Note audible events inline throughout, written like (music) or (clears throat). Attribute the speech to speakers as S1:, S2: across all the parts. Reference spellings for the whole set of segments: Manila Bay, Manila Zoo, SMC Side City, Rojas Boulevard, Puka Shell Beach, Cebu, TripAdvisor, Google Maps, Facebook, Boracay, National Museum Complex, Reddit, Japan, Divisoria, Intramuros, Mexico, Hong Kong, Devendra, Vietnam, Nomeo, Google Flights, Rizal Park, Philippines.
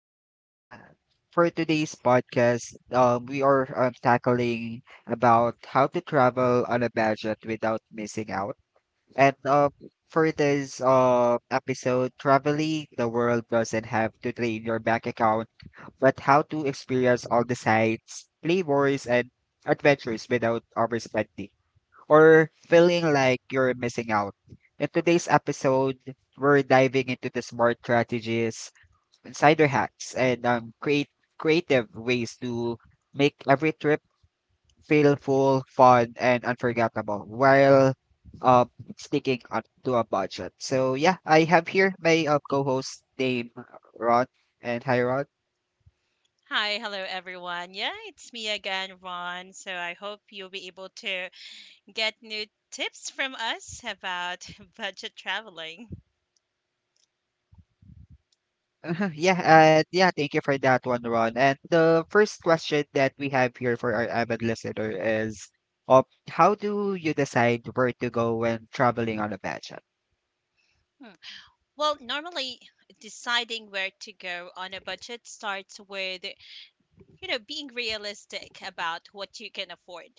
S1: For today's podcast, we are tackling about how to travel on a budget without missing out. And For this episode, traveling the world doesn't have to drain your bank account, but how to experience all the sights, flavors, and adventures without overspending or feeling like you're missing out. In today's episode, we're diving into the smart strategies insider hacks and create creative ways to make every trip feel full, fun, and unforgettable while uh, sticking on to a budget. So yeah, I have here my co-host name Ron and hi Ron. (laughs)
S2: Hi, hello everyone. Yeah, it's me again, Ron. So I hope you'll be able to get new tips from us about (laughs) budget traveling.
S1: Uh-huh, yeah, yeah, thank you for that one, Ron. And the first question that we have here for our avid listener is, uh, how do you decide where to go when traveling on a budget?
S2: Hmm. Well, normally deciding where to go on a budget starts with being realistic about what you can afford.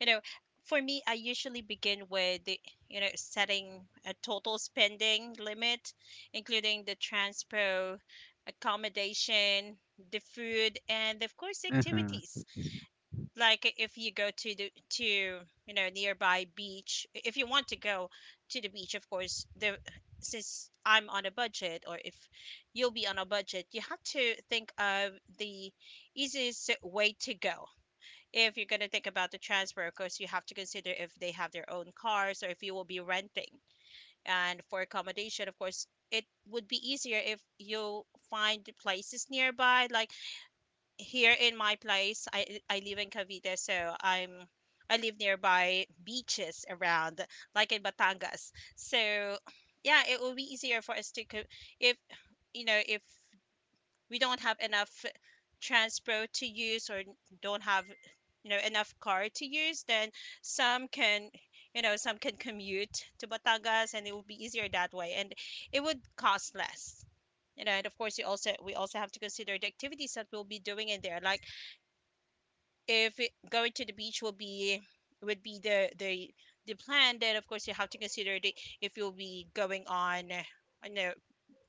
S2: you know for me, I usually begin with setting a total spending limit, including the transpo, accommodation, the food, and of course
S1: Mm-hmm.
S2: activities. Like if you go to the to nearby beach, if you want to go to the beach, of course the since I'm on a budget, or if you'll be on a budget, you have to think of the easiest way to go. If you're going to think about the transfer, of course you have to consider if they have their own cars or if you will be renting. And for accommodation, of course it would be easier if you find places nearby, like here in my place, I live in Cavite, so I live nearby beaches around, like in Batangas. So yeah, it will be easier for us to if if we don't have enough transport to use or don't have enough car to use, then some can some can commute to Batangas, and it will be easier that way, and it would cost less. And of course you also we also have to consider the activities that we'll be doing in there. Like if it, going to the beach will be would be the plan, then of course you have to consider if you'll be going on you know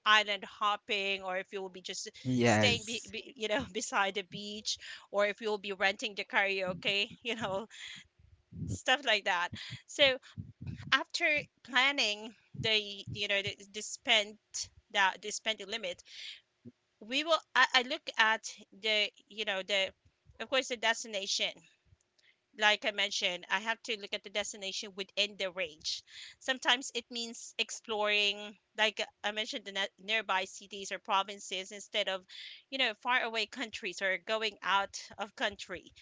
S2: island hopping, or if you will be just staying
S1: Yes.
S2: (laughs) beside the beach, or if you'll be renting the karaoke (laughs) stuff like that. So after planning the the spent that the spending limit, we will I look at the of course the destination. Like I mentioned, I have to look at the destination within the range. Sometimes it means exploring, like I mentioned, nearby cities or provinces instead of, you know, faraway countries or going out of country.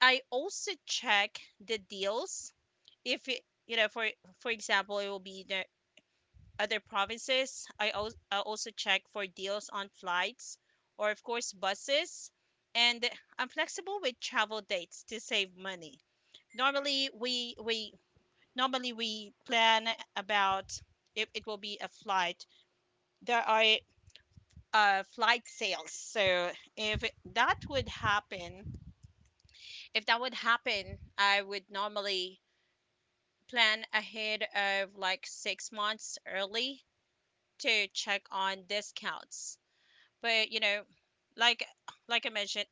S2: I also check the deals. If it, you know, for example, it will be the other provinces. I also check for deals on flights, or of course, buses. And I'm flexible with travel dates to save money. Normally we we normally we plan about, if it will be a flight, there are flight sales. So if that would happen, if that would happen, I would normally plan ahead of like 6 months early to check on discounts. But you know, like like I mentioned,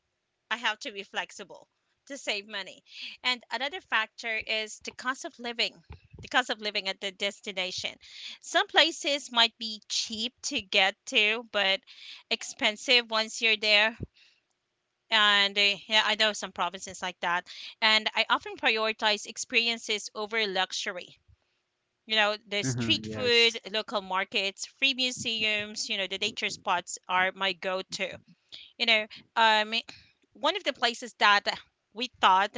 S2: I have to be flexible to save money. And another factor is the cost of living at the destination. Some places might be cheap to get to, but expensive once you're there. And yeah, I know some provinces like that. And I often prioritize experiences over luxury. You know, the
S1: Mm-hmm.
S2: street food,
S1: Yes.
S2: local markets, free museums, you know, the nature spots are my go to. You know, um, one of the places that we thought,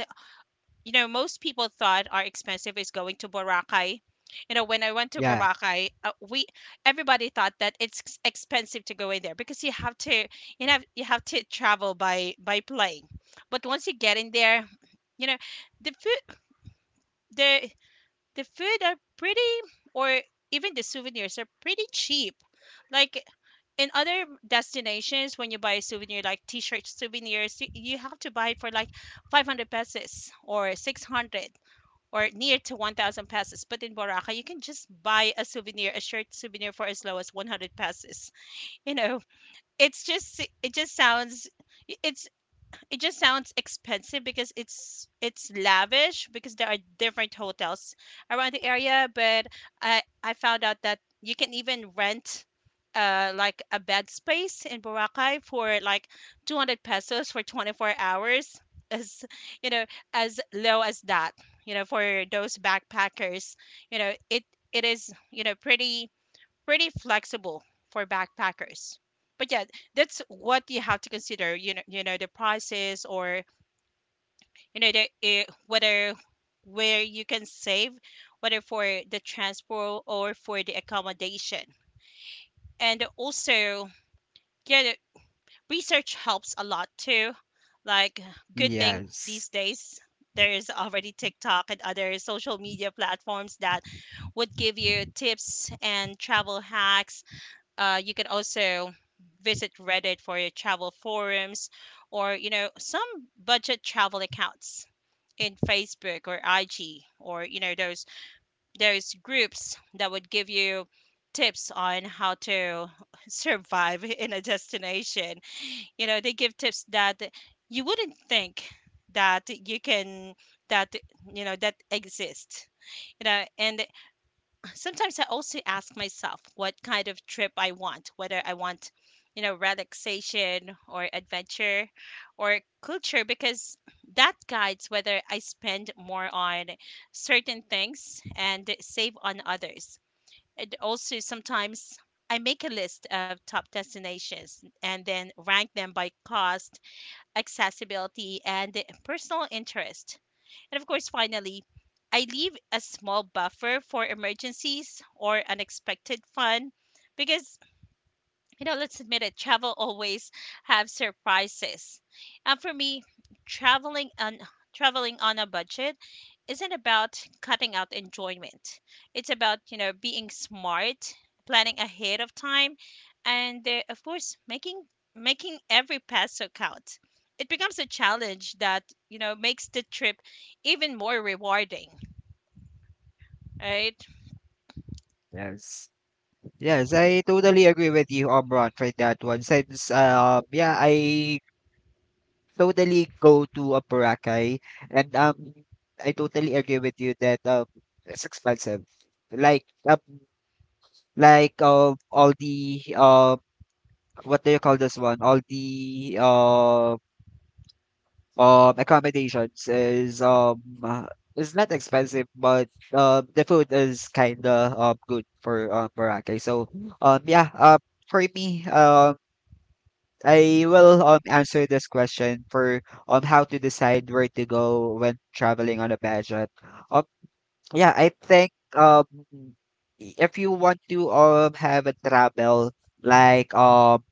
S2: you know, most people thought are expensive is going to Boracay. You know, when I went to
S1: Yeah.
S2: Boracay, we everybody thought that it's expensive to go in there, because you have to, you know, you have to travel by plane. But once you get in there, you know, the food, the the food are pretty, or even the souvenirs are pretty cheap. Like in other destinations, when you buy a souvenir, like t-shirt souvenirs, you have to buy it for like 500 pesos or 600, or near to 1000 pesos. But in Boracay, you can just buy a souvenir, a shirt souvenir, for as low as 100 pesos. You know, it just sounds, it it just sounds expensive because it's lavish, because there are different hotels around the area. But I found out that you can even rent like a bed space in Boracay for like 200 pesos for 24 hours (laughs) as you know, as low as that. You know, for those backpackers, you know, it is, you know, pretty flexible for backpackers. But yeah, that's what you have to consider. You know the prices, or you know whether where you can save, whether for the transport or for the accommodation. And also, yeah, the research helps a lot too. Like, good thing
S1: Yes.
S2: these days there's already TikTok and other social media platforms that would give you tips and travel hacks. You can also visit Reddit for your travel forums, or you know, some budget travel accounts in Facebook or IG, or you know, those groups that would give you tips on how to (laughs) survive in a destination. You know, they give tips that you wouldn't think that you can that you know that exist, you know. And sometimes I also ask myself what kind of trip I want, whether I want, you know, relaxation or adventure or culture, because that guides whether I spend more on certain things and save on others. And also, sometimes I make a list of top destinations and then rank them by cost, accessibility, and personal interest. And of course, finally, I leave a small buffer for emergencies or unexpected fun, because you know, let's admit it, travel always have surprises. And for me, traveling on traveling on a budget isn't about cutting out enjoyment. It's about, you know, being smart, planning ahead of time, and of course, making every peso count. It becomes a challenge that, you know, makes the trip even more rewarding, right?
S1: Yes. Yes, I totally agree with you, Omron, for that one. Since yeah, I totally go to a Boracay and I totally agree with you that it's expensive. Like um all the what do you call this one? All the accommodations is not expensive but the food is kind of good for Boracay. So um yeah uh, for me, I will answer this question for how to decide where to go when traveling on a budget. um yeah I think, if you want to have a travel, like um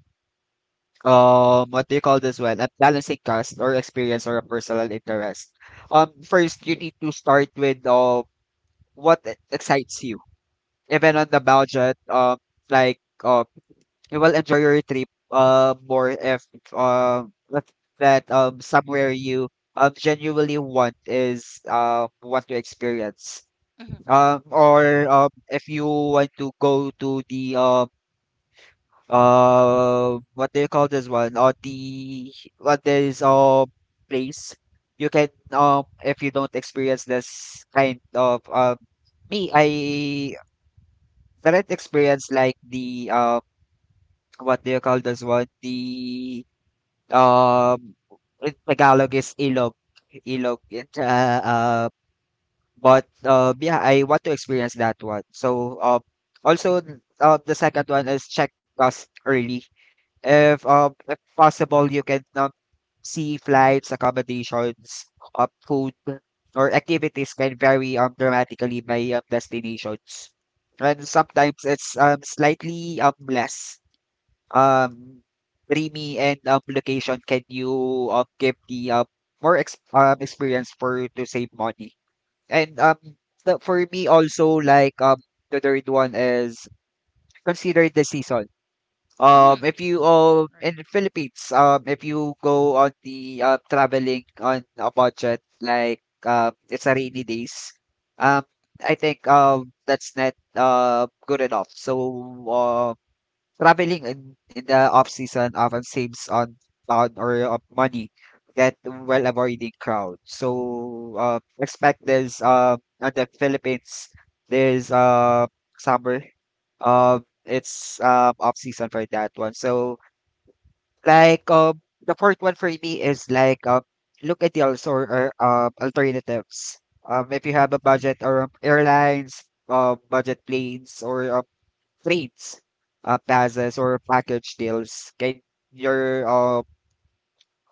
S1: what do you call this one? A balancing cost or experience or a personal interest. First you need to start with what excites you. Even on the budget, like uh you will enjoy your trip more if um if that somewhere you genuinely want is want to experience.
S2: Hmm.
S1: Or If you want to go to the what do you call this one or the what is place you can, if you don't experience this kind of me, I didn't experience like the what do you call this one, the um in Tagalog is ilog, it's but, yeah, I want to experience that one. So, also, the second one is check cost early. If possible, you can see flights, accommodations, food, or activities can vary dramatically by destinations. And sometimes it's slightly less um, dreamy and location can you give the more experience for to save money. And, um, the for me also, the third one is consider the season.
S2: Hmm.
S1: If you
S2: Right.
S1: in Philippines, if you go on the traveling on a budget, it's a rainy days. Um, I think that's not good enough. So, uh, Traveling in the off season often saves on or money that while avoiding crowd. So expect this on the Philippines there's summer, it's off season for that one. So the fourth one for me is look at the also or alternatives. If you have a budget or airlines, budget planes or trades, plazas, or package deals can your uh,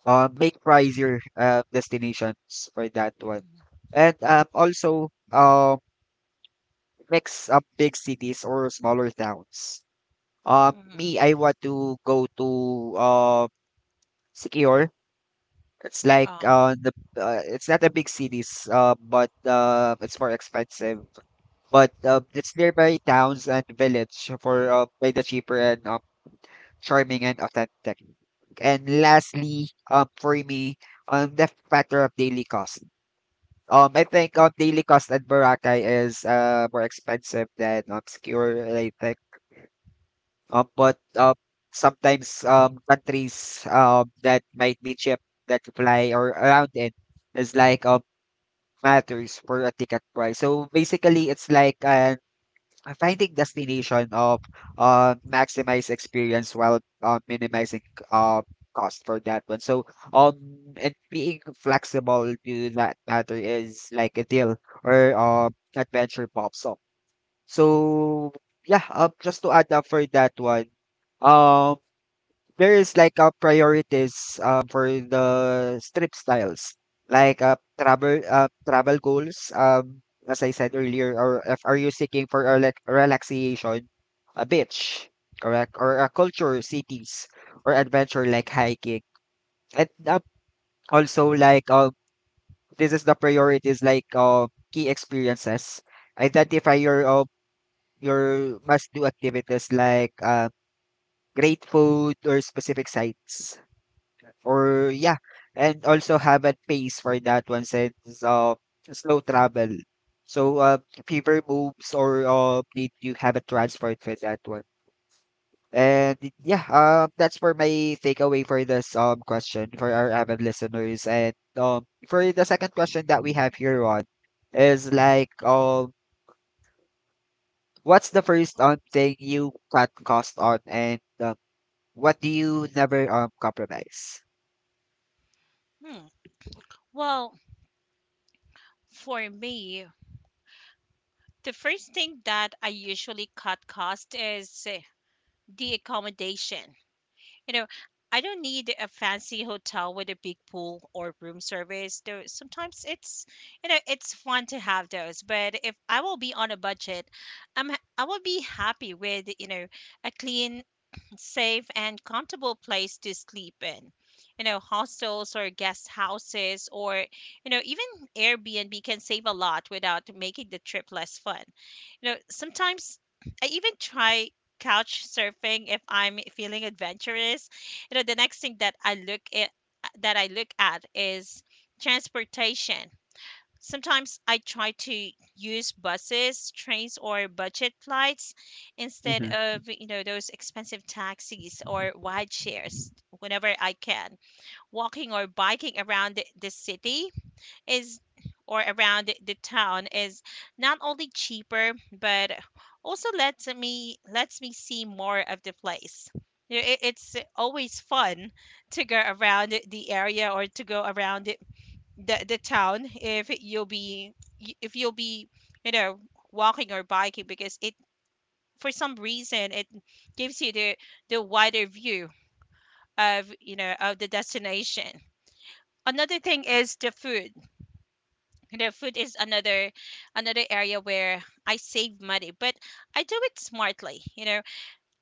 S1: uh make pricier destinations for that one.
S2: Hmm.
S1: And also, mix up big cities or smaller towns. Me,
S2: Hmm.
S1: I want to go to secure. It's like
S2: Um,
S1: the it's not a big cities but it's more expensive, but it's nearby towns and village for by the cheaper and charming and authentic. And lastly, for me, the factor of daily cost. I think daily cost at Boracay is more expensive than Secure, I think. But sometimes countries that might be cheap that fly or around it is matters for a ticket price. So basically, it's like an finding destination of maximize experience while minimizing uh, cost for that one. So um and being flexible to that matter is like a deal or adventure pops up. So yeah, just to add up for that one. um, there is like a priorities for the strip styles like travel goals, as I said earlier, or if, are you seeking for a like relaxation, a beach, correct, or a culture cities or adventure like hiking? And also, this is the priorities like key experiences, identify your must do activities like great food or specific sites, or yeah. And also have a pace for that one since uh slow travel. So fever moves or need you have a transport for that one. And that's for my takeaway for this question for our avid listeners. And for the second question that we have here on is what's the first thing you cut cost on and what do you never compromise?
S2: hmm. Well, for me, the first thing that I usually cut cost is the accommodation. You know, I don't need a fancy hotel with a big pool or room service. Though sometimes it's, you know, it's fun to have those. But if I will be on a budget, I will be happy with, you know, a clean, safe, and comfortable place to sleep in. You know, hostels or guest houses, or you know, even Airbnb can save a lot without making the trip less fun. You know, sometimes I even try couch surfing if I'm feeling adventurous. You know, the next thing that I look at, is transportation. Sometimes I try to use buses, trains, or budget flights instead
S1: Mm-hmm,
S2: of, you know, those expensive taxis or wide shares whenever I can. Walking or biking around the city is, or around the town is, not only cheaper but also lets me see more of the place. You know, it's always fun to go around the area, or to go around the town, if you'll be, if you'll be you know, walking or biking, because it for some reason it gives you the wider view of, you know, of the destination. Another thing is the food. The food is another area where I save money, but I do it smartly. You know,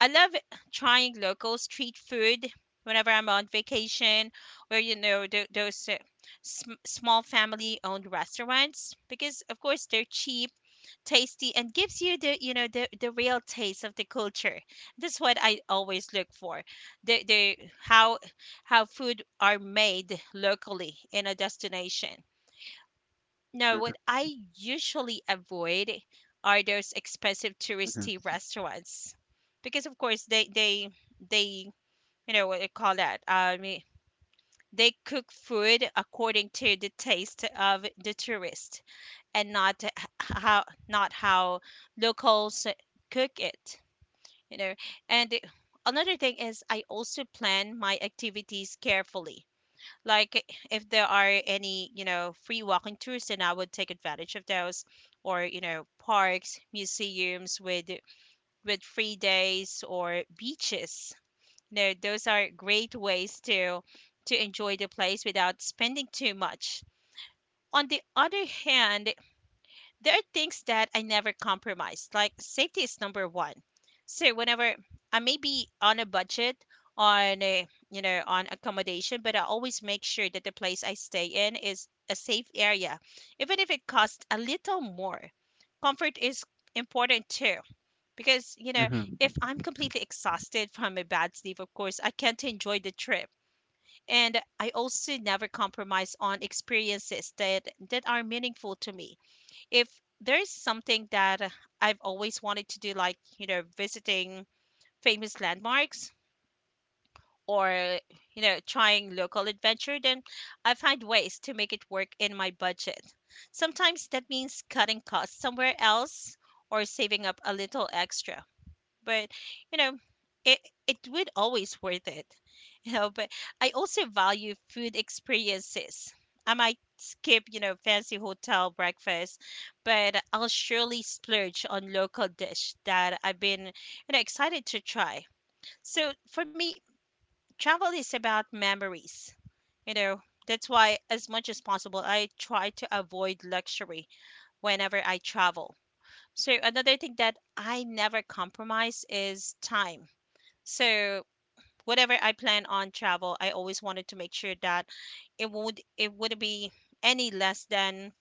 S2: I love trying local street food whenever I'm on vacation, or you know those small family-owned restaurants, because of course they're cheap, tasty, and gives you the you know the real taste of the culture. That's what I always look for. The how food are made locally in a destination. No, what I usually avoid are those expensive touristy restaurants, because of course, they you know what they call that. I mean, they cook food according to the taste of the tourist, and not h- how not how locals cook it. You know, and another thing is I also plan my activities carefully, like if there are any, you know, free walking tours, then I would take advantage of those, or you know, parks, museums with free days, or beaches. You know, those are great ways to enjoy the place without spending too much. On the other hand, there are things that I never compromise. Like safety is number one. So whenever I may be on a budget on a, you know, on accommodation, but I always make sure that the place I stay in is a safe area, even if it costs a little more. Comfort is important too, because you know if I'm completely exhausted from a bad sleep, of course I can't enjoy the trip. And I also never compromise on experiences that are meaningful to me. If there's something that I've always wanted to do, like, you know, visiting famous landmarks, or you know, trying local adventure, then I find ways to make it work in my budget. Sometimes that means cutting costs somewhere else or saving up a little extra, but you know it it would always worth it. (laughs) But I also value food experiences. I might skip fancy hotel breakfast, but I'll surely splurge on local dish that I've been excited to try. So for me, travel is about memories you know that's why as much as possible I try to avoid luxury whenever I travel. So another thing that I never compromise is time. So whatever I plan on travel, I always wanted to make sure that it would be any less than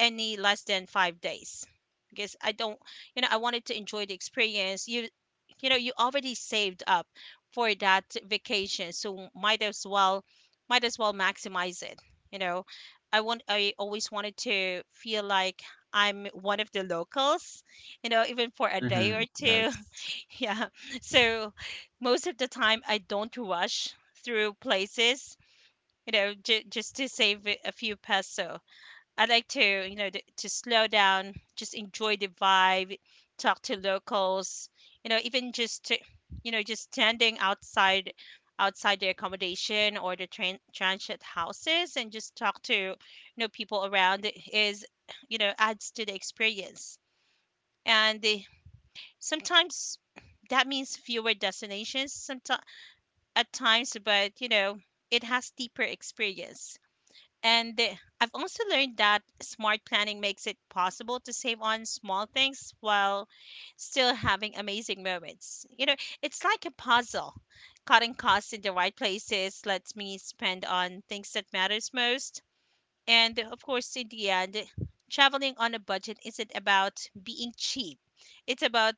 S2: any less than 5 days, because I don't I wanted to enjoy the experience. You know you already saved up for that vacation, so might as well maximize it. You know, I always wanted to feel like I'm one of the locals. You know, even for a day or
S1: mm-hmm.
S2: two. Yeah. (laughs) So most of the time, I don't rush through places, just to save a few peso. I like to, to slow down, just enjoy the vibe, talk to locals, you know, even just to, you know, just standing outside the accommodation or the train transit houses and just talk to, you know, people around is, you know, adds to the experience. And sometimes that means fewer destinations, sometimes at times, but you know, it has deeper experience. I've also learned that smart planning makes it possible to save on small things while still having amazing moments. You know, it's like a puzzle. Cutting costs in the right places lets me spend on things that matters most. And of course, in the end, traveling on a budget isn't about being cheap. It's about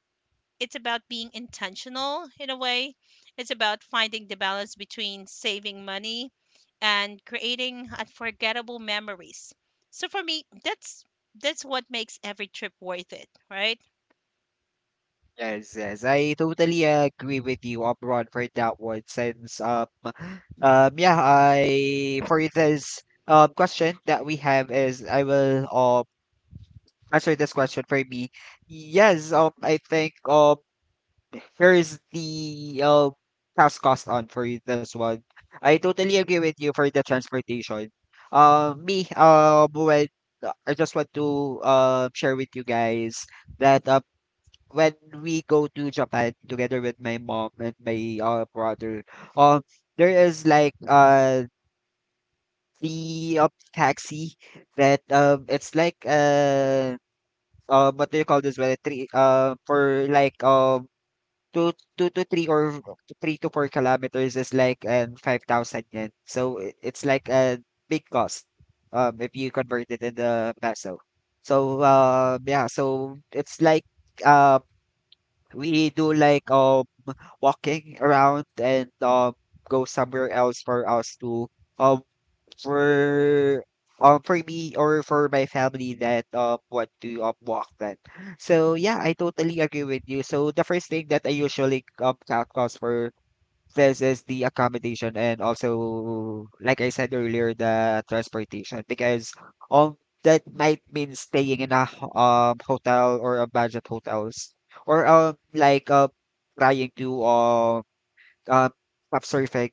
S2: it's about being intentional in a way. It's about finding the balance between saving money and creating unforgettable memories. So for me, that's what makes every trip worth it, right?
S1: Yes, yes, I totally agree with you, Abron, for that one. Since (sighs) yeah, I for this question that we have is I will answer this question for me. Yes, I think here is the task cost on for this one. I totally agree with you for the transportation. Me, when I just want to share with you guys that when we go to Japan together with my mom and my brother, um, there is like the taxi that it's like what do you call this when it three for like two 2 to 3 or 3 to 4 kilometers is like and 5,000 yen. So it's like a big cost if you convert it in the peso. So yeah, so it's like uh we do like walking around and go somewhere else for us to um for for me or for my family that want to walk then. So yeah, I totally agree with you. So the first thing that I usually count cost for this is the accommodation and also like I said earlier, the transportation, because um that might mean staying in a hotel or a budget hotels or trying to uh, pop surfing,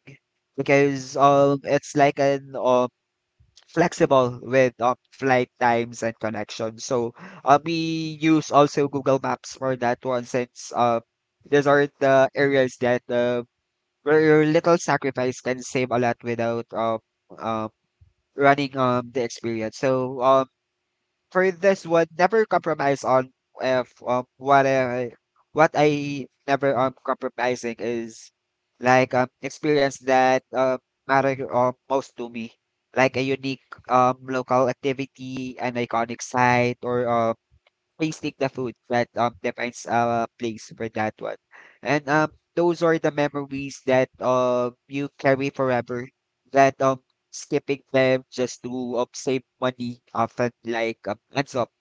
S1: because it's like an flexible with flight times and connections. So we use also Google Maps for that one, since these are the areas that where your little sacrifice can save a lot without uh, running the experience. So for this one, never compromise on if what I what I never compromising is experience that matter most to me, like a unique local activity, an iconic site, or please take the food that defines a place for that one. And those are the memories that you carry forever. That skipping them just to save money often like ends up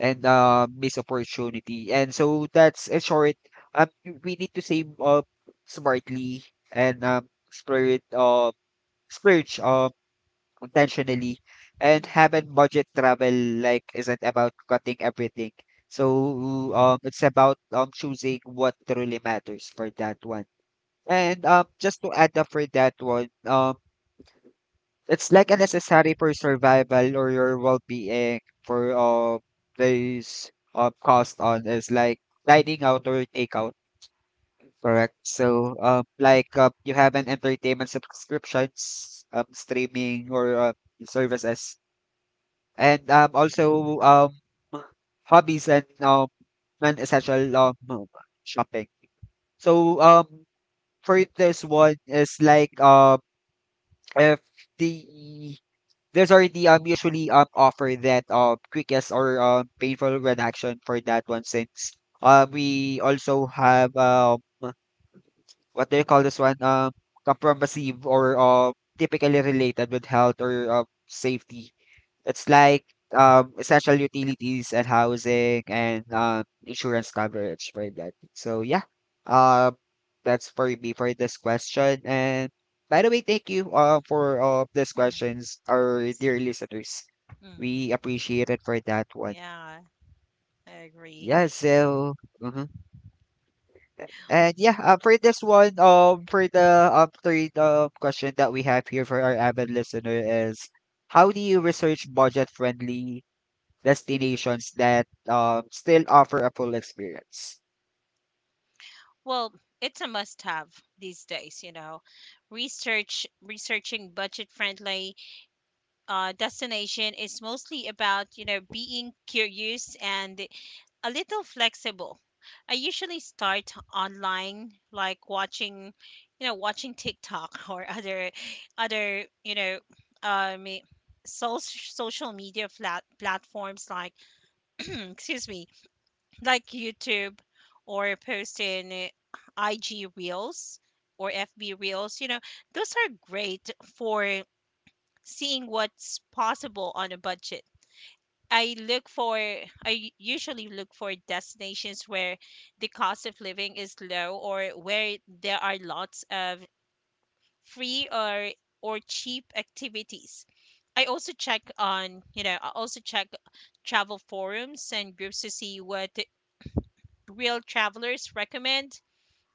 S1: and miss opportunity. And so that's a short you- we need to save smartly and explore it splurge intentionally. And
S2: Mhm,
S1: having budget travel like isn't about cutting everything. So it's about choosing what truly matters for that one. And just to add up for that one, it's like a necessary for survival or your well-being for those cost on is like dining out or takeout. Correct. So, you have an entertainment subscriptions, streaming or services and also hobbies and non-essential shopping. So for this one is if the there's already usually offer that quickest or painful reduction for that one, since we also have what do you call this one, comprehensive or typically related with health or safety. It's like essential utilities and housing and insurance coverage for that. So yeah, uh, that's for me for this question. And by the way, thank you for these
S2: mhm,
S1: questions,
S2: of
S1: our
S2: course.
S1: dear listeners.
S2: Mhm.
S1: We appreciate it for that one.
S2: Yeah, I agree.
S1: Yeah. So. Mhm. And yeah, for this one, for the third question that we have here for our avid listener is, how do you research budget-friendly destinations that still offer a full experience?
S2: Well, it's a must-have these days, you know. Researching budget-friendly destination is mostly about being curious and a little flexible. I usually start online, like watching TikTok (laughs) or other, um, eh, social media flat platforms like, (clears throat) excuse me, like YouTube or post in IG Reels or FB Reels. You know, those are great for seeing what's possible on a budget. I usually look for destinations where the cost of living is low, or where there are lots of free or cheap activities. I also check on, you know, I also check travel forums and groups to see what real travelers recommend,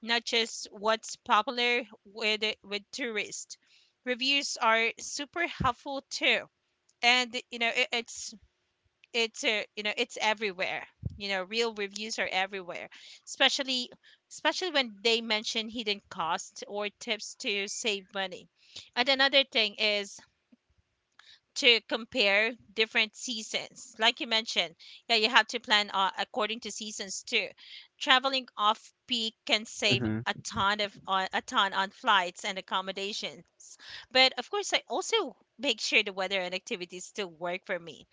S2: not just what's popular with tourists. Reviews are super helpful too. And you know, it's everywhere. Real reviews are everywhere, especially especially when they mention hidden costs or tips to save money. And another thing is to compare different seasons, like you mentioned. Yeah, you have to plan according to seasons too. Traveling off peak can save a
S1: Mm-hmm.
S2: ton of on a ton on flights and accommodations, but of course I also make sure the weather and activities still work for me.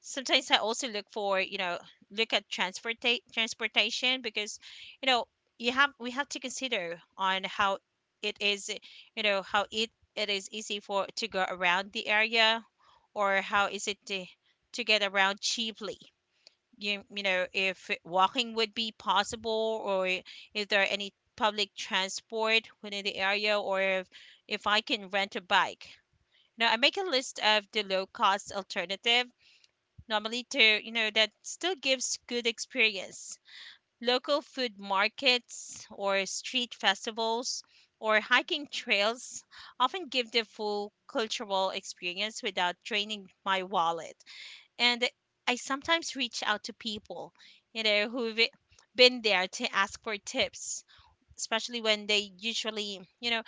S2: Sometimes I also look for, transportation, because, you know, you have we have to consider on how it is, you know, how it it is easy for to go around the area, or how is it to get around cheaply. You know, if walking would be possible, or if there are any public transport within the area, or if I can rent a bike. Now, I make a list of the low cost alternative normally to that still gives good experience. Local food markets or street festivals or hiking trails often give the full cultural experience without draining my wallet. And I sometimes reach out to people, who've been there, to ask for tips, especially when they usually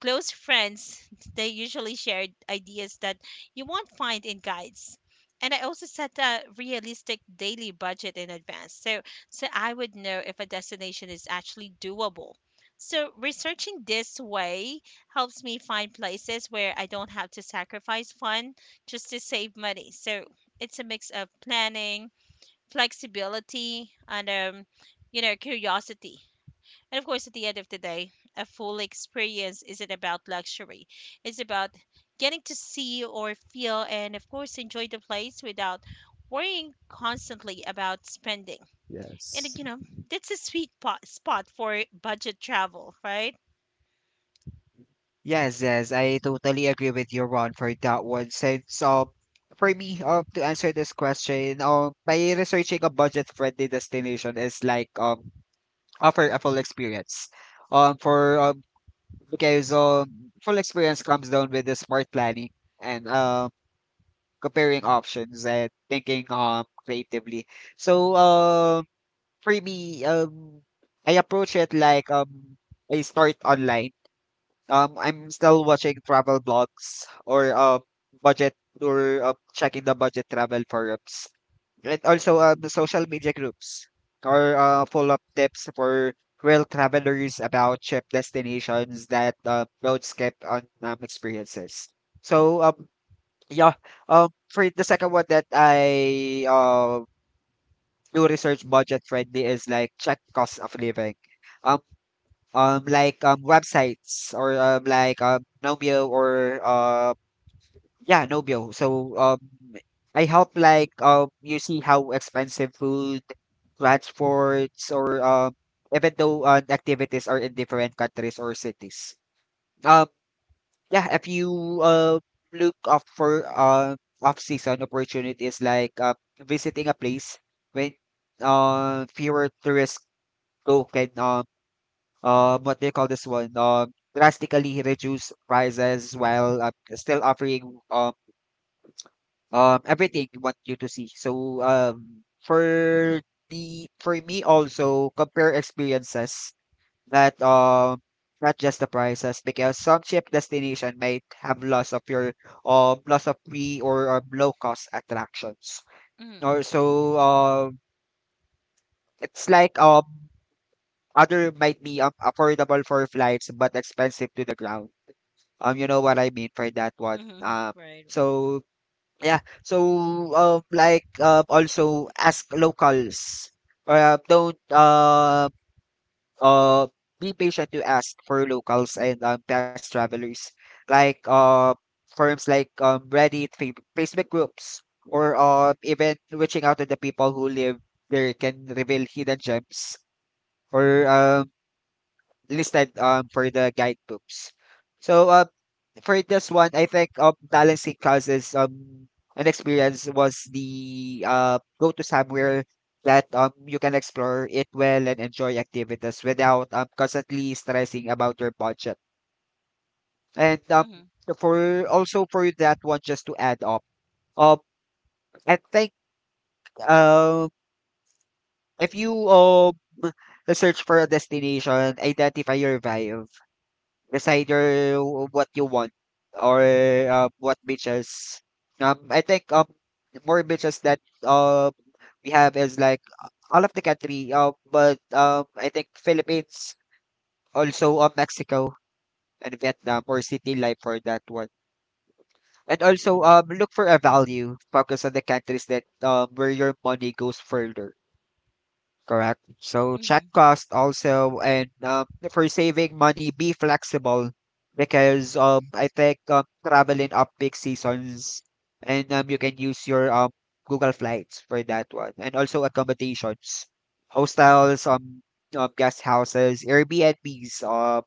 S2: close friends, (laughs) they usually shared ideas that you won't find in guides. And I also set a realistic daily budget in advance, so so I would know if a destination is actually doable. So researching this way helps me find places where I don't have to sacrifice fun just to save money. So it's a mix of planning, flexibility, and curiosity. And of course, at the end of the day, a full experience isn't about luxury. It's about getting to see or feel and, of course, enjoy the place without worrying constantly about spending.
S1: Yes.
S2: And, you know, that's a spot for budget travel, right?
S1: Yes, yes, I totally agree with you, Ron, for that one. Since for me, to answer this question, by researching a budget-friendly destination is like offer a full experience. For because full experience comes down with the smart planning and comparing options and thinking creatively. So for me, I approach it like, I start online. I'm still watching travel blogs budget or checking the budget travel forums, and also the social media groups, or full up tips for real travelers about trip destinations that roadscape on experiences. So um, yeah. For the second one that I do research budget friendly is like check cost of living. Um, like websites, or like Nomeo, or yeah, Nomeo. So I help like, you see how expensive food, transports, or even though, activities are in different countries or cities. Um yeah, if you look up for off season opportunities like, visiting a place when fewer tourists Coke can, what they call this one, drastically reduce prices while, still offering, everything you want you to see. So for the for me, also compare experiences that, not just the prices, because some cheap destination might have loss of your loss of free or, low cost attractions.
S2: Mm-hmm.
S1: Or so it's like, other might be, affordable for flights but expensive to the ground. You know what I mean for that one.
S2: Mm-hmm. (laughs) Right.
S1: So, yeah. Like, also ask locals. Don't uh be patient to ask for locals and, past travelers, like forums like Reddit, Facebook groups, or even reaching out to the people who live there can reveal hidden gems, or listed for the guidebooks. So uh, for this one, I think balancing causes an experience was the go to somewhere that you can explore it well and enjoy activities without constantly stressing about your budget. And so
S2: Mm-hmm.
S1: for also for that one, just to add up. Um I think, um if you search for a destination, identify your vibe. It's either what you want, or what, beaches. I think, more beaches that we have is like all of the country. But I think Philippines, also, Mexico, and Vietnam, or city life for that one. And also look for a value. Focus on the countries that, where your money goes further. Correct. So check cost also, and, for saving money, be flexible, because, I think, travel in up peak seasons, and, you can use your Google Flights for that one, and also accommodations, hostels, guest houses, Airbnbs, uh,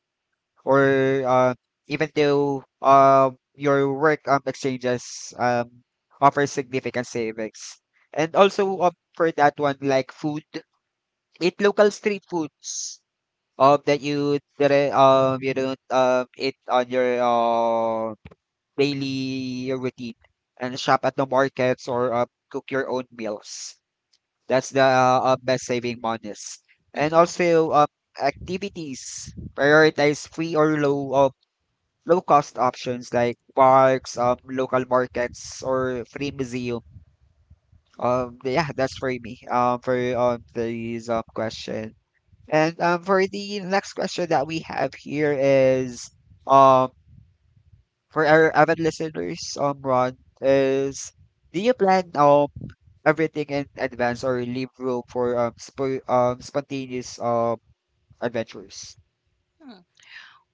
S1: or uh, even though, your work exchanges offer significant savings, and also for that one, like food, eat local street foods that you didn't, you don't eat on your daily routine, and shop at the markets, or cook your own meals. That's the best saving monies. And
S2: Mm-hmm. (laughs)
S1: also activities, prioritize free or low cost options like parks, local markets, or free museum. Yeah, that's for me. For these question. And For the next question that we have here is, um for our avid listeners, Ron, is: do you plan everything in advance, or leave room for spontaneous adventures?
S2: Hmm.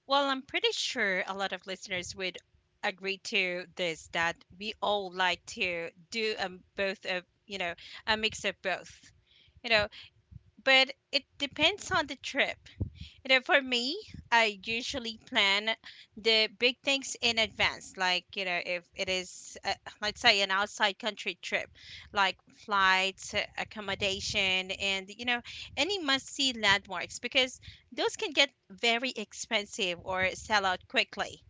S2: Well, I'm pretty sure a lot of listeners would agree to this, that we all like to do both of a mix of both. You know, but it depends on the trip. You know, for me, I usually plan the big things in advance. Like, you know, if it is, let's say, an outside country trip, like flights, accommodation, and, you know, any must see landmarks, because those can get very expensive or sell out quickly.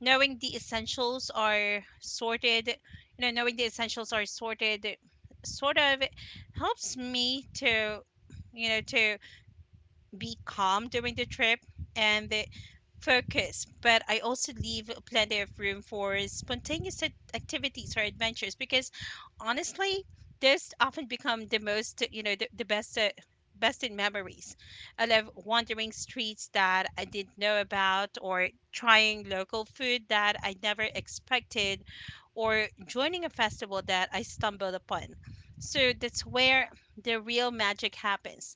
S2: knowing the essentials are sorted, you Knowing the essentials are sorted sort of helps me to, you know, to be calm during the trip and focus. But I also leave plenty of room for spontaneous activities or adventures, because honestly, those often become the most, the best. Best in memories. I love wandering streets that I didn't know about, or trying local food that I never expected, or joining a festival that I stumbled upon. So that's where the real magic happens.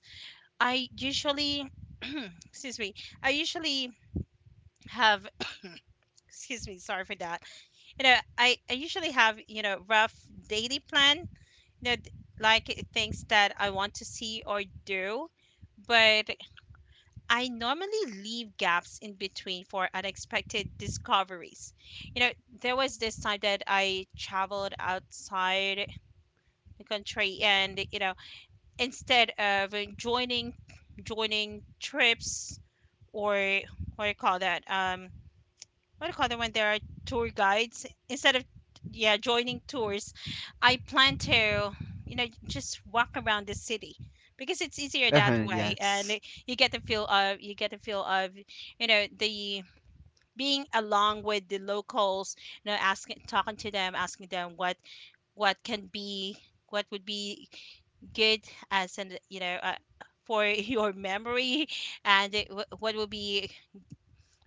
S2: I usually, excuse me, I usually have excuse me sorry for that. You know, I usually have rough daily plan, you know th- things that I want to see or do, but I normally leave gaps in between for unexpected discoveries. You know, there was this time that I traveled outside the country and you know, instead of joining trips, or what do you call that? What do you call it when there are tour guides? Instead of yeah joining tours, I plan to just walk around the city, because it's easier that
S1: Uh-huh,
S2: way, and
S1: yes.
S2: you get the feel of the being along with the locals, you know asking talking to them, asking them what can be what would be good as an for (laughs) your memory, and it, wh-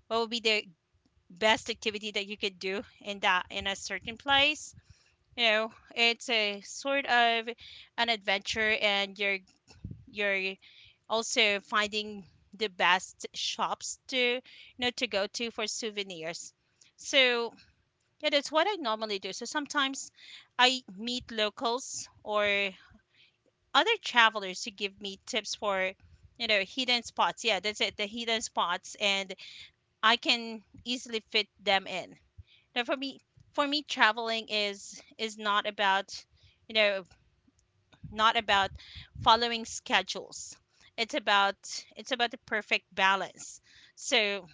S2: what would be the best activity that you could do in that in a certain place. You know, it's a sort of an adventure, and you're also finding the best shops to to go to for souvenirs. So yeah, that's what I normally do. So sometimes I meet locals or other travelers who give me tips for hidden spots. Yeah, that's it, the hidden spots, and I can easily fit them in. now, for me, for me, traveling is not about, you know, not about following schedules. It's about the perfect balance. So,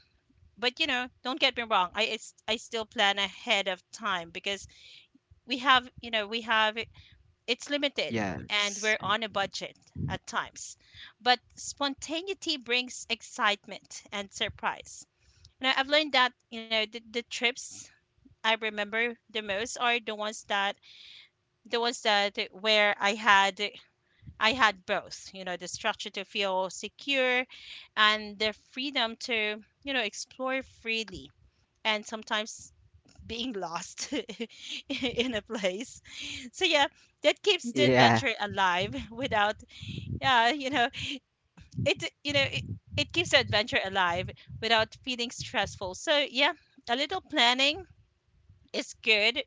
S2: but you know, don't get me wrong. I still plan ahead of time, because we have, it's limited, and we're
S1: Yes.
S2: on
S1: (laughs)
S2: a budget at times. But spontaneity brings excitement and surprise. And I've learned that, you know, the trips I remember the most are the ones that where I had both, you know, the structure to feel secure and the freedom to, you know, explore freely, and sometimes being lost (laughs) in a place. So yeah, that keeps the
S1: Yeah.
S2: adventure alive without yeah, you know, it you know, it, it keeps the adventure alive without feeling stressful. So yeah, a little planning is good,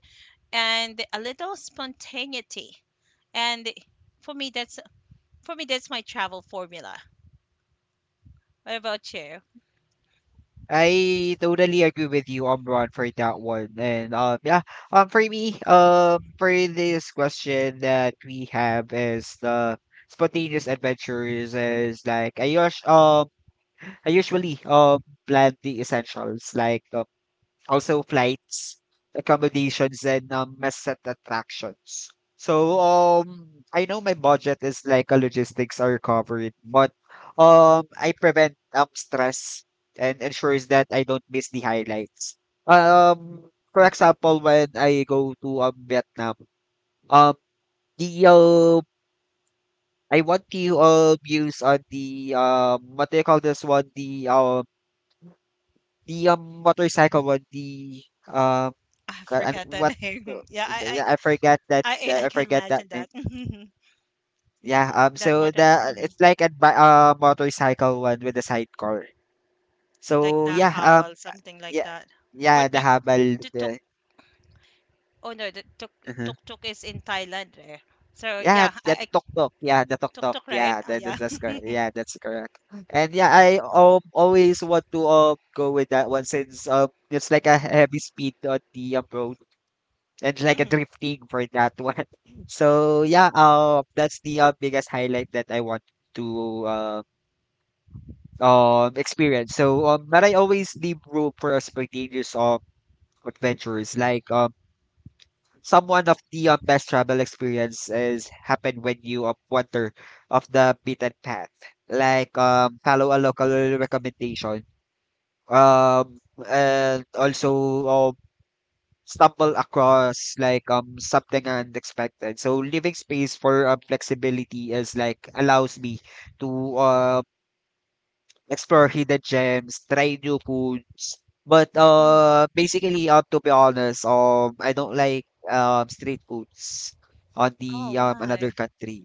S2: and a little spontaneity. And for me, that's for me that's my travel formula. What about you?
S1: I totally agree with you, Omron, for that one. And Yeah. For this question that we have is, the spontaneous adventures is like I usually plan the essentials like also flights, accommodations, and, set attractions. I know my budget is like a logistics are covered, but, I prevent stress and ensures that I don't miss the highlights. For example, when I go to Vietnam, um the I want to use on the, what do you call this one, the motorcycle one, the um
S2: I
S1: Ca, I mean,
S2: forgot the
S1: what
S2: (laughs)
S1: the
S2: name.
S1: the yeah, I forgot that that
S2: I
S1: I
S2: can
S1: forgot that
S2: imagine
S1: name.
S2: that. (laughs)
S1: Yeah, so the
S2: Mhm,
S1: it's like a bi motorcycle one with a sidecar.
S2: like
S1: So
S2: the
S1: yeah,
S2: habal, something like
S1: yeah,
S2: that. Or
S1: yeah, the habal,
S2: the tuk?
S1: the,
S2: Oh no, the tuk
S1: uh
S2: tuk tuk is in Thailand. Eh? So
S1: Yeah,
S2: yeah,
S1: the
S2: I
S1: tuk-tuk. Yeah, the
S2: tuk
S1: tuk-tuk.
S2: tuk, right?
S1: Yeah,
S2: Oh yeah.
S1: that's correct.
S2: (laughs)
S1: Yeah, that's correct. And yeah, I always want to go with that one, since it's like a heavy speed on the, road. It's like a
S2: Hmm.
S1: drifting for that one. (laughs) So yeah, that's the biggest highlight that I want to experience. But I always leave room for a spontaneous, adventures. Like, someone of the best travel experience is happen when you wander off the beaten path. Like, follow a local recommendation. And also stumble across like something unexpected. So living space for, flexibility is like allows me to explore hidden gems, try new foods. But
S2: Mm.
S1: uh basically, to be honest, I don't like street foods on
S2: Oh,
S1: the, another
S2: why?
S1: country.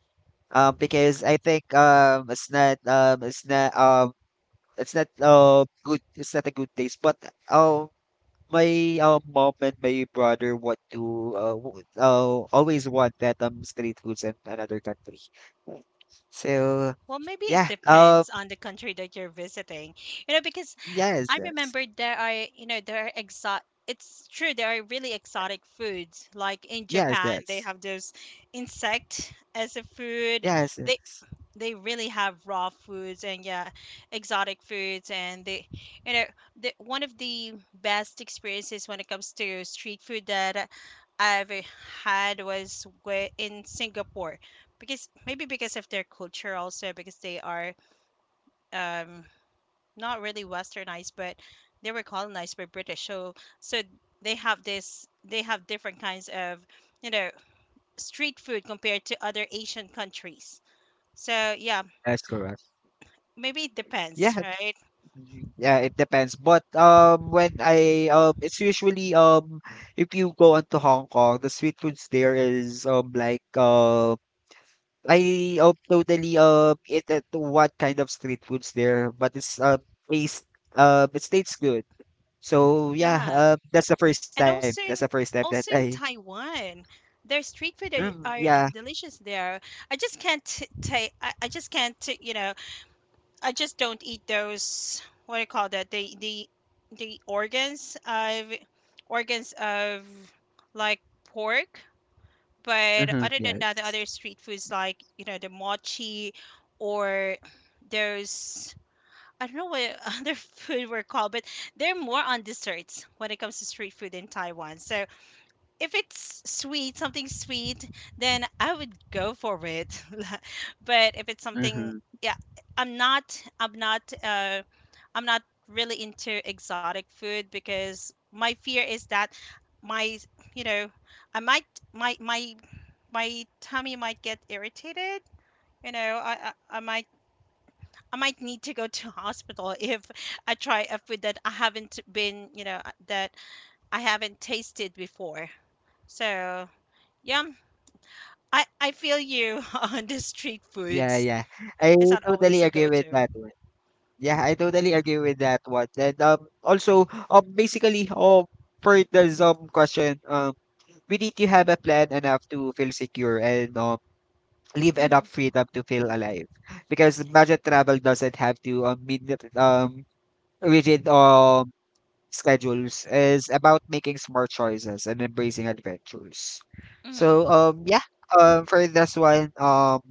S1: Because I think, it's not it's not it's not good, it's not a good taste. But um my, mom and my brother want to, always want that, street foods in another country. So,
S2: Well, maybe it
S1: yeah.
S2: depends on the country that you're visiting. You know, because
S1: Yes,
S2: I
S1: yes,
S2: remember there are, you know, there are exotic. It's true, there are really exotic foods. Like in
S1: yes,
S2: Japan, they
S1: yes,
S2: have those insect as a food.
S1: yes,
S2: They
S1: yes.
S2: they really have raw foods and yeah, exotic foods. And they, you know, one of the best experiences when it comes to street food that I've had was in Singapore, because maybe because of their culture also, because they are um not really westernized, but they were colonized by British. So they have different kinds of, you know, street food compared to other Asian countries. So yeah,
S1: That's correct.
S2: maybe it depends,
S1: Yeah,
S2: right?
S1: yeah, it depends. But, when I it's usually, if you go onto Hong Kong, the street foods there is like, I totally it to what kind of street foods there, but taste it tastes good. So yeah,
S2: Yeah,
S1: that's the first
S2: and
S1: time. That's
S2: also
S1: the
S2: in,
S1: first time that
S2: also
S1: I...
S2: in Taiwan, their street food
S1: Mm,
S2: are
S1: yeah.
S2: delicious there. I just can't t- ta I just can't, you know, I just don't eat those. What do you call that? The organs of organs of like pork. But
S1: Mm-hmm,
S2: other than that, the
S1: yes.
S2: other street foods like, you know, the mochi or those. I don't know what (laughs) other food were called, but they're more on desserts when it comes to street food in Taiwan. So if it's sweet, something sweet, then I would go for it. (laughs) But if it's something,
S1: Mm-hmm.
S2: yeah, I'm not, I'm not, uh, I'm not really into exotic food because my fear is that my, you know, I might, my, my, my tummy might get irritated. You know, I might need to go (laughs) to hospital if I try a food that I haven't that I haven't tasted before. So yeah, I feel you (laughs) on the street
S1: Yeah,
S2: foods.
S1: yeah. I
S2: It's not always
S1: totally
S2: a
S1: agree with
S2: go-to.
S1: that one. Yeah, I totally agree with that one. And also basically, for the, question, we need to have a plan enough to feel secure, and leave enough
S2: Hmm.
S1: freedom to feel alive, because budget travel doesn't have to, mean that, rigid schedules is about making smart choices and embracing adventures. So
S2: Hmm.
S1: yeah, for this one,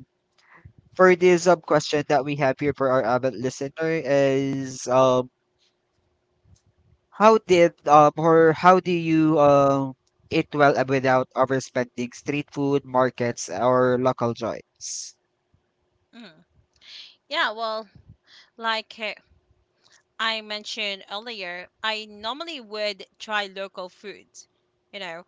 S1: for this question that we have here for our avid listener is: how did, or how do you eat well, without overspending street food markets or local joints?
S2: Hmm. Yeah, well, like I mentioned earlier, I normally would try local food. You know,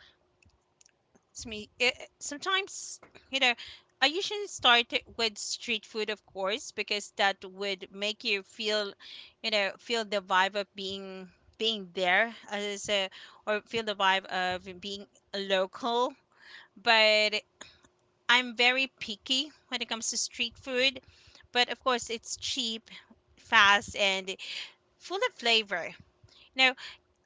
S2: it's me. It, sometimes, you know, I usually start it with street food, of course, because that would make you feel, you know, feel the vibe of being there as a, or feel the vibe of being a local. But I'm very picky when it comes to street food, but of course it's cheap, fast, and full of flavor. Now,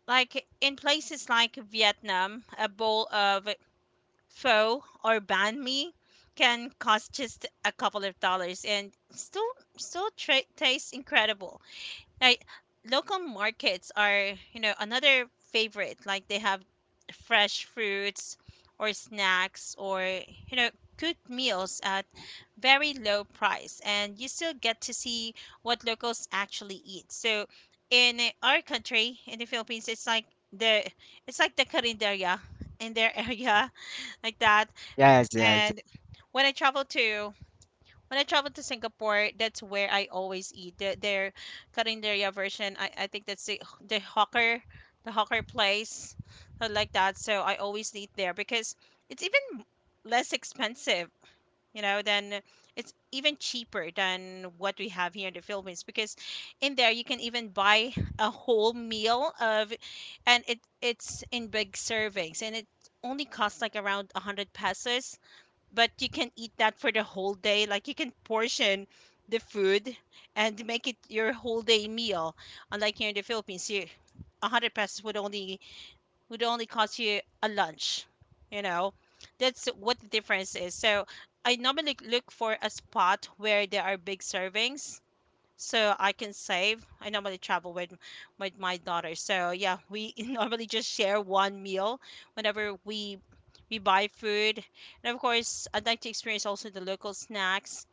S2: like in places like Vietnam, a bowl of pho or banh mi can cost just a couple of dollars and tastes incredible. Like, local markets are, you know, another favorite. Like they have fresh fruits or snacks or, you know, good meals at very low price and you still get to see what locals actually eat. So in our country, in the Philippines, the it's like the carinderia in their (laughs) area like that.
S1: Yes, yes.
S2: And when I travel to when I travel to Singapore, that's where I always eat. Their carinderia version, I think that's the hawker, the hawker place, like that. So I always eat there because it's even less expensive, you know, than, it's even cheaper than what we have here in the Philippines because in there you can even buy a whole meal of, and it's in big servings and it only costs like around 100 pesos, but you can eat that for the whole day. Like you can portion the food and make it your whole day meal. Unlike here in the Philippines, you, 100 pesos would only cost you a lunch. You know, that's what the difference is. So I normally look for a spot where there are big servings so I can save. I normally travel with my daughter. So yeah, we (laughs) normally just share one meal whenever we buy food. And of course, I'd like to experience also the local snacks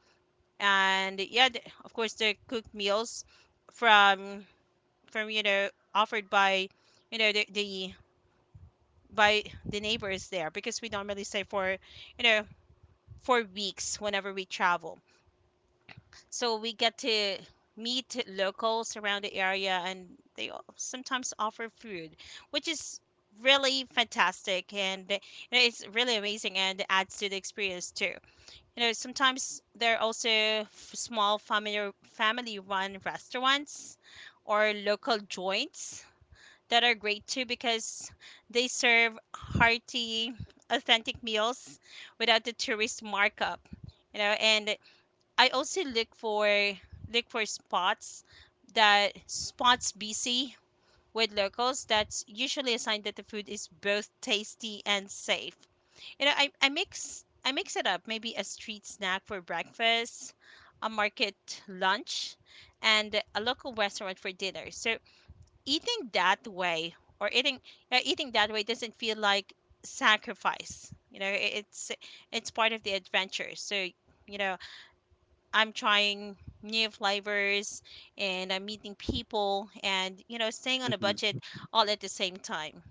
S2: and yeah, of course the cooked meals from from, you know, offered by, you know, the, by the neighbors there because we normally stay for, you know, for weeks whenever we travel. So we get to meet locals around the area and sometimes offer food, which is really fantastic and, you know, it's really amazing and adds to the experience too. You know, sometimes there are also small family run restaurants or local joints that are great too because they serve hearty authentic meals without the tourist markup, you know. And I also look for, look for spots, that spots busy with locals. That's usually a sign that the food is both tasty and safe. You know, I mix, I mix it up. Maybe a street snack for breakfast, a market lunch, and a local restaurant for dinner. So eating that way, or eating eating that way doesn't feel like sacrifice. You know, it's part of the adventure. So, you know, I'm trying new flavors and I'm meeting people and, you know, staying on a
S1: Mhm.
S2: budget all at the same time.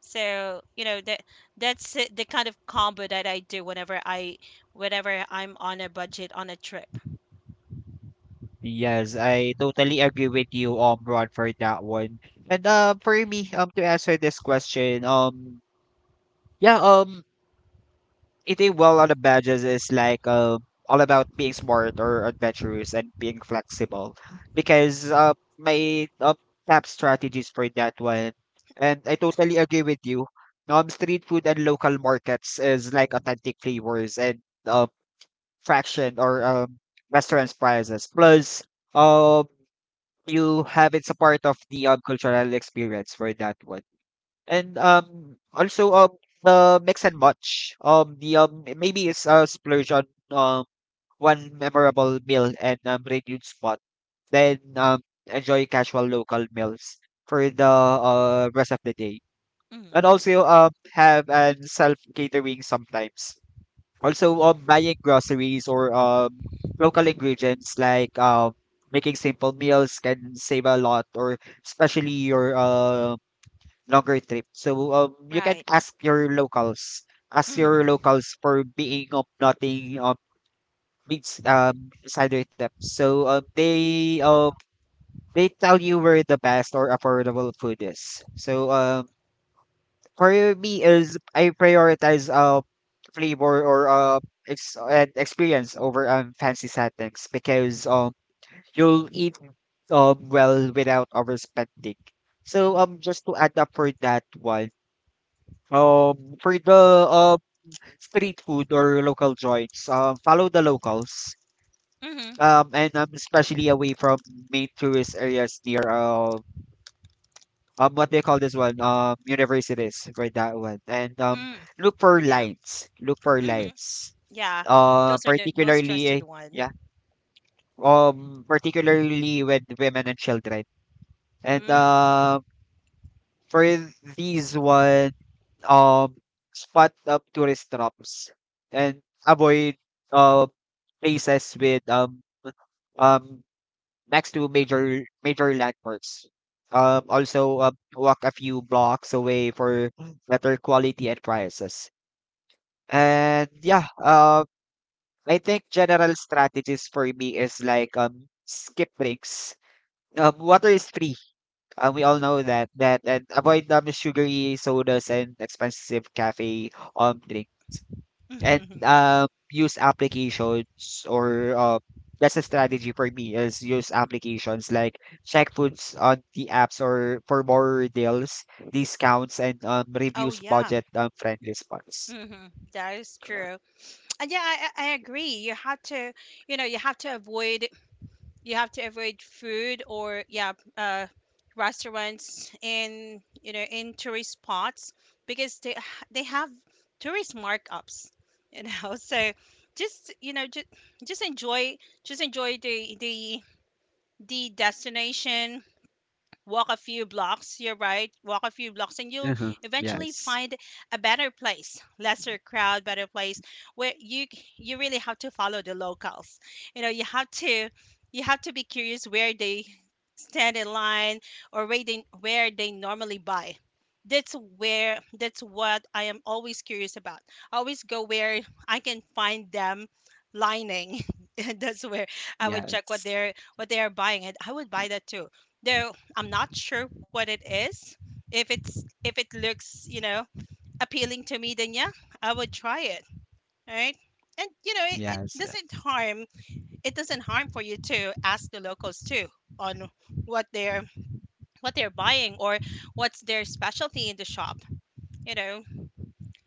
S2: So, you know, the kind of combo that I do whenever I'm on a budget on a trip.
S1: Yes, I totally agree with you, Ron, for that one. And for me, to answer this question, yeah, eating well on the badges is like all about being smart or adventurous and being flexible, because, my, top strategies for that one, and I totally agree with you. Street food and local markets is like authentic flavors and, uh, fraction or restaurants prices plus. Um, you have it's a part of the, cultural experience for that one. And also the mix and match, the maybe it's a splurge on um one memorable meal and renewed spot. Then enjoy casual local meals for the rest of the day. And
S2: Hmm.
S1: also have an self catering sometimes. Also, buying groceries or, local ingredients like, making simple meals can save a lot, or especially your, longer trip. You can
S2: Right.
S1: ask
S2: Hmm.
S1: your locals for being of nothing, beats inside their trip. So, they tell you where the best or affordable food is. So for me is I prioritize flavor or and experience over fancy settings, because you'll eat well without overspending. So just to add up for that one. For the, street food or local joints, follow the locals.
S2: Hmm.
S1: And especially away from main tourist areas, near what do you call this one, universities for that one, and
S2: Mm.
S1: look for
S2: Yeah.
S1: lines look for
S2: Hmm.
S1: lines
S2: Yeah, those are the most trusted
S1: particularly,
S2: one.
S1: yeah, particularly with women and children, and
S2: Mm.
S1: for these one, um spot up tourist drops, and avoid uh places with, um next to major landmarks. Also, walk a few blocks away for better quality and prices. And yeah, I think general strategies for me is like, skip drinks. Water is free. We all know that, and avoid sugary sodas and expensive cafe, drinks, and,
S2: (laughs)
S1: use applications or that's a strategy for me, is use applications like check foods on the apps or for more deals, discounts, and,
S2: Oh
S1: reviews
S2: yeah.
S1: budget, friendly spots.
S2: Mm-hmm. That is
S1: Correct.
S2: true. And yeah, I agree. You have to, you know, you have to avoid, you have to avoid food or yeah, restaurants in, you know, in tourist spots because they have tourist markups, you know. (laughs) So just, you know, just enjoy, the the destination. Walk a few blocks. You're right. Walk a few blocks and you'll
S1: Uh-huh.
S2: eventually
S1: Yes.
S2: find a better place, lesser crowd, better place where you really have to follow the locals. You know, you have to, you have to be curious where they stand in line or where they normally buy. That's where, that's what I am always curious about. I always go where I can find them lining. (laughs) And that's where I would check what
S1: Yes.
S2: they're what they are buying and I would buy that too. There, I'm not sure what it is. If it's, if it looks, you know, appealing to me, then yeah, I would try it, right? And you know, it
S1: Yes.
S2: doesn't
S1: Yes.
S2: harm. It doesn't harm for you to ask the locals too on what they're what they're buying or what's their specialty in the shop. You know,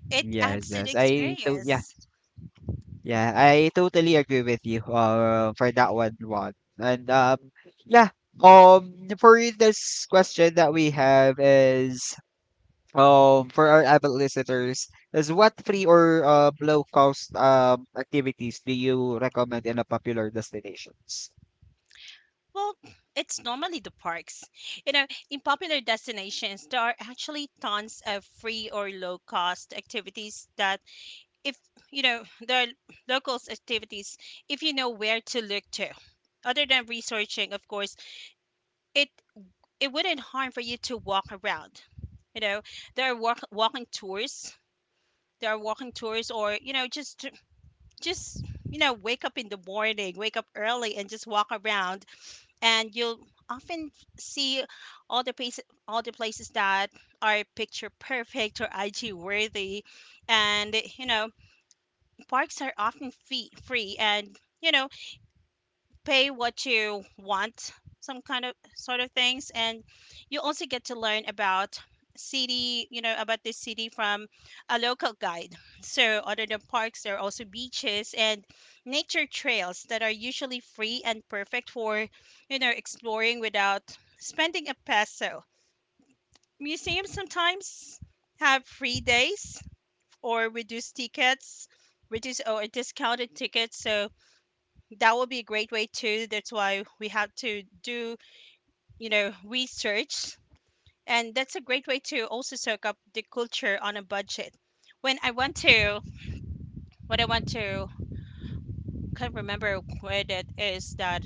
S2: it
S1: Yes.
S2: adds to the
S1: Yes. Yeah.
S2: experience.
S1: Yeah, I totally agree with you, for that one, Juan. And um, yeah, um, for this question that we have is for our avid listeners is what free or low cost activities do you recommend in a popular destinations?
S2: Well, it's normally the parks. You know, in popular destinations, there are actually tons of free or low cost activities that, if you know the locals activities, if you know where to look to, other than researching of course, it it wouldn't harm for you to walk around. You know, there are walking tours, or, you know, just, you know, wake up in the morning, wake up early and just walk around and you'll often see all the places all the places that are picture perfect or IG worthy. And you know, parks are often free, and you know, pay what you want, some kind of sort of things. And you also get to learn about city, you know, about this city from a local guide. So other than parks, there are also beaches and nature trails that are usually free and perfect for, you know, exploring without spending a peso. Museums sometimes have free days or reduced tickets, reduced or discounted tickets. So that would be a great way too. That's why we have to do, you know, research. And that's a great way to also soak up the culture on a budget. When I want to, what I want to, can't remember where that is, that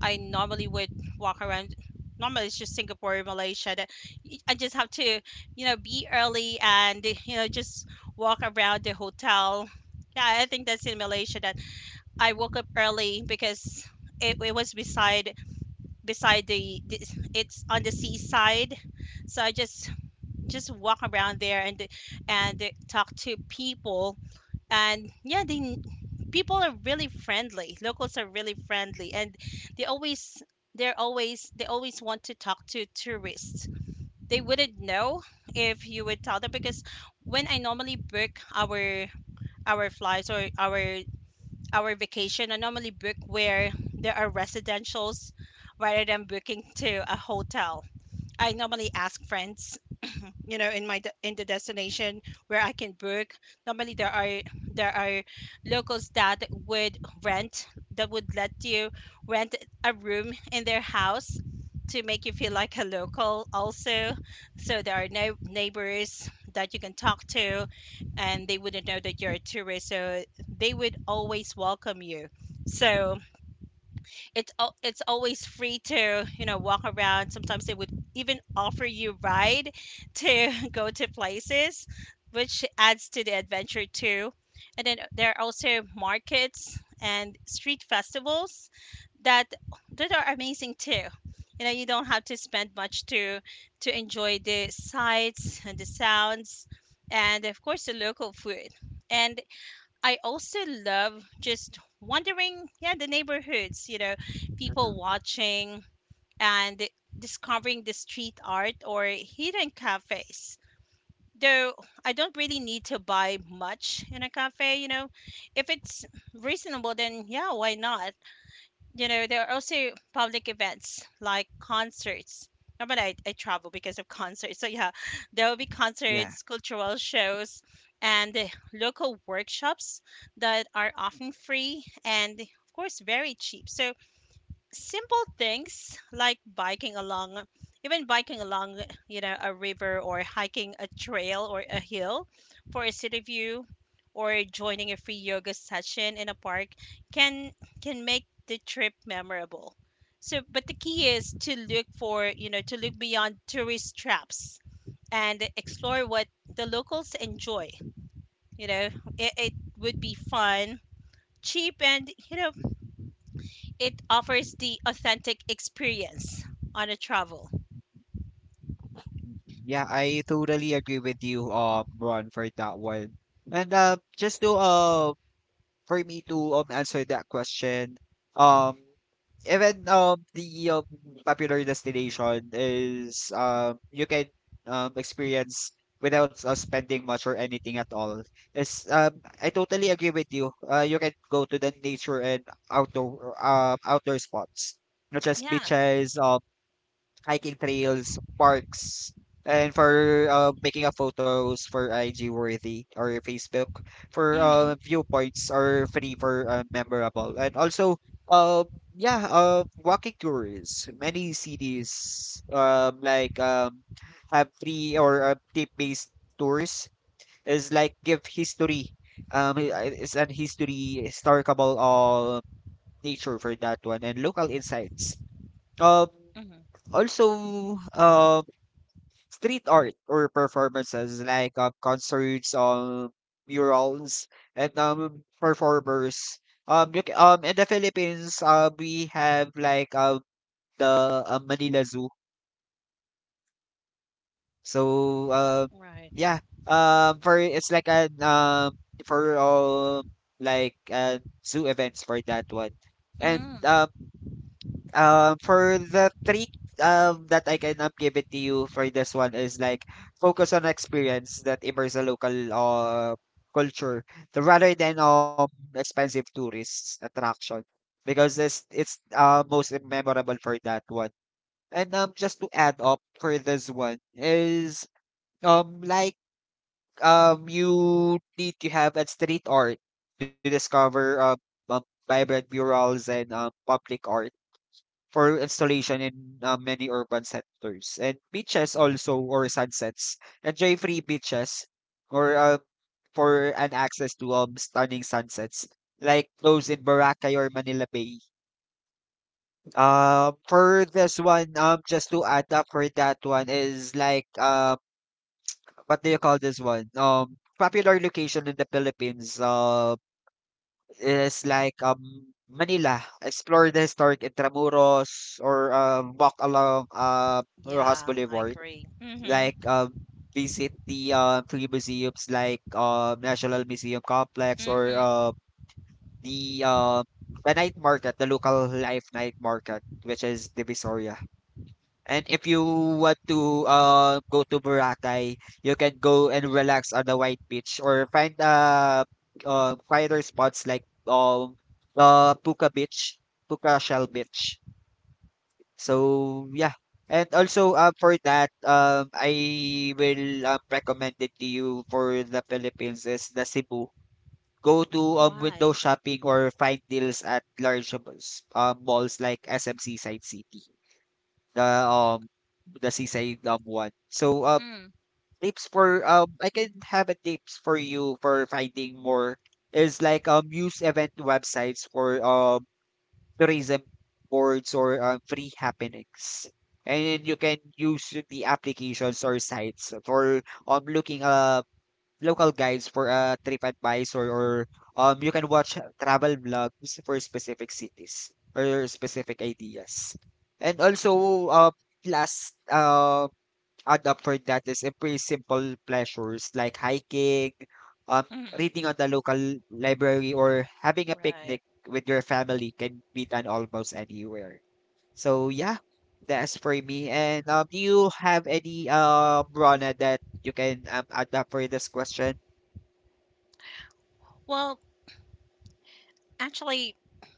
S2: I normally would walk around. Normally it's just Singapore or Malaysia that I just have to, you know, be early and, you know, just walk around the hotel. Yeah, I think that's in Malaysia that I woke up early because it was beside, the, it's on the seaside, so I just walk around there and talk to people. And yeah, they people are really friendly, locals are really friendly, and they always they always want to talk to tourists. They wouldn't know if you would tell them because when I normally book our flights or our vacation, I normally book where there are residentials rather than booking to a hotel. I normally ask friends, you know, in the destination where I can book. Normally there are locals that would rent, that would let you rent a room in their house to make you feel like a local also. So there are no neighbors that you can talk to, and they wouldn't know that you're a tourist, so they would always welcome you. So it's always free to, you know, walk around. Sometimes they would even offer you ride to (laughs) go to places, which adds to the adventure too. And then there are also markets and street festivals that that are amazing too. You know, you don't have to spend much to enjoy the sights and the sounds, and of course the local food. And I also love just wandering, yeah, the neighborhoods, you know, people
S1: Mhm.
S2: watching and discovering the street art or hidden cafes. Though I don't really need to buy much in a cafe, you know, if it's reasonable, then yeah, why not? You know, there are also public events like concerts. Normally, I travel because of concerts. So, yeah, (laughs) there will be
S1: Yeah,
S2: concerts, cultural shows, and local workshops that are often free and, of course, very cheap. So, simple things like biking along, even biking along you know, a river, or hiking a trail or a hill for a city view, or joining a free yoga session in a park can can make the trip memorable. So but the key is to look for, you know, to look beyond tourist traps and explore what the locals enjoy. You know, it would be fun, cheap, and you know, it offers the authentic experience on a travel.
S1: yeah, I totally agree with you, Ron, for that one. And just to for me to answer that question, um even the popular destination is you can experience without spending much or anything at all. Is I totally agree with you. You can go to the nature and outdoor spots, not just
S2: Yeah.
S1: beaches, hiking trails, parks, and for making a photos for IG worthy or Facebook for
S2: Mhm.
S1: viewpoints are free for memorable and also uh yeah walking tours many cities have free or tip based tours is like give history it's an history historical nature for that one and local insights um
S2: Mhm.
S1: also Street art or performances like concerts, murals, and performers. In the Philippines, we have like the Manila Zoo. So,
S2: Right.
S1: yeah, for it's like an for like zoo events for that one, and
S2: Mm.
S1: um for the trick that I can give it to you for this one is like focus on experience that immerse the local culture rather than expensive tourist attraction because this it's most memorable for that one. And just to add up for this one is um like you need to have a street art to discover um vibrant murals and public art for installation in many urban centers. And beaches also or sunsets. Enjoy free beaches or for an access to stunning sunsets like those in Boracay or Manila Bay. For this one, just to add up for that one is like what do you call this one? Popular location in the Philippines. Is like, Manila, explore the historic Intramuros or walk along Rojas
S2: Yeah, I
S1: Boulevard.
S2: agree. Mhm.
S1: Like, visit the three museums like National Museum Complex or
S2: Mhm.
S1: the uh, the night market, the local life night market, which is Divisoria. And if you want to go to Boracay, you can go and relax on the white beach or find quieter spots like Puka Beach, Puka Shell Beach. So yeah. And also for that I will recommend it to you for the Philippines is the Cebu. Go to window
S2: Why?
S1: shopping or find deals at large malls, malls like SMC Side City. The, um, the seaside, one. So,
S2: Mm.
S1: tips for, I can have a tips for you for finding more is like, use event websites or, tourism boards or, free happenings. And then you can use the applications or sites for looking up local guides for TripAdvisor or you can watch travel vlogs for specific cities or specific ideas. And also, last add up for that is pretty simple pleasures like hiking, um,
S2: Mhm.
S1: reading at the local library, or having a
S2: Right.
S1: picnic with your family can be done almost anywhere. So yeah, that's for me. And do you have any Rona that you can add up for this question?
S2: Well, actually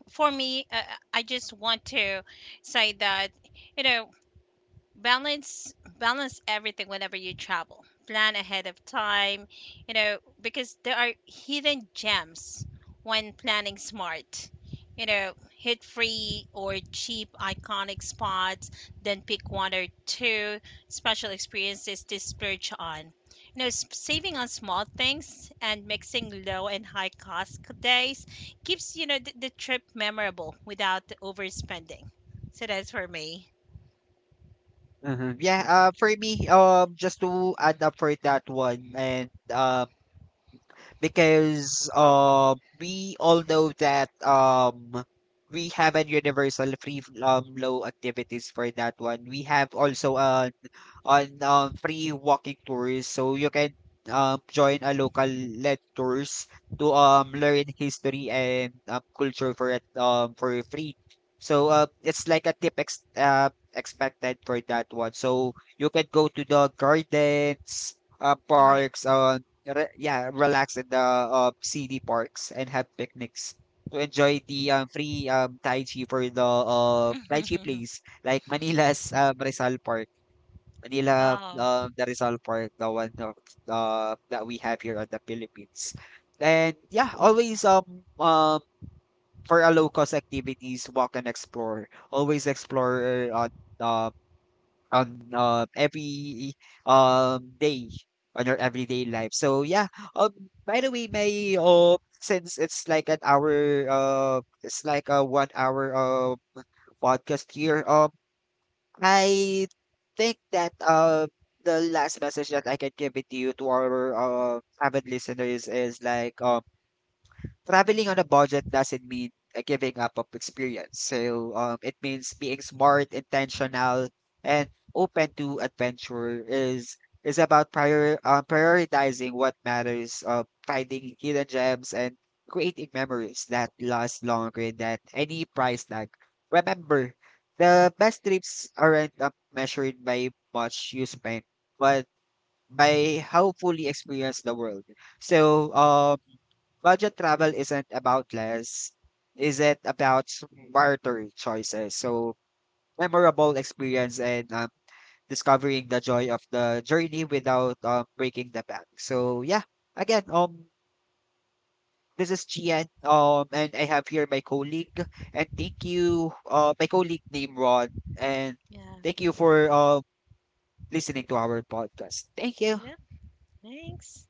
S2: for me, I just want to say that, you know, balance everything whenever you travel. Plan ahead of time, you know, because there are hidden gems. When planning smart, you know, hit free or cheap iconic spots, then pick one or two special experiences to splurge on. You know, saving on small things and mixing low and high cost days keeps, you know, the trip memorable without overspending. So that's for me.
S1: Mhm. Yeah, for me, just to add up for that one, and because we all know that we have a universal free flow activities for that one. We have also a on free walking tours. So you can join a local led tours to learn history and culture for it, for free. So it's like a tip ex expected for that one. So you can go to the gardens,
S2: All right.
S1: parks, relax in the city parks and have picnics to enjoy the free Tai Chi for the Tai Chi place
S2: (laughs)
S1: like Manila's Rizal Park. Manila,
S2: Oh,
S1: the Rizal Park, the one of, that we have here in the Philippines. And yeah, always um for a low cost activities, walk and explore. Always explore on uh, every day on your everyday life. So yeah, um by the way, may since it's like an hour it's like a 1 hour podcast here. I think that the last message that I can give it to you to our avid listeners is like traveling on a budget doesn't mean giving up of experience. So it means being smart, intentional, and open to adventure. Is about prioritizing what matters, finding hidden gems, and creating memories that last longer than any price tag. Remember, the best trips aren't measured by much you spend, but by how fully experience the world. So budget travel isn't about less, is it about smarter choices? So memorable experience and discovering the joy of the journey without breaking the bank. So yeah, again, this is Gian, and I have here my colleague, and thank you, my colleague named Ron, and
S2: yeah.
S1: thank you for listening to our podcast. Thank you.
S2: Yeah, thanks.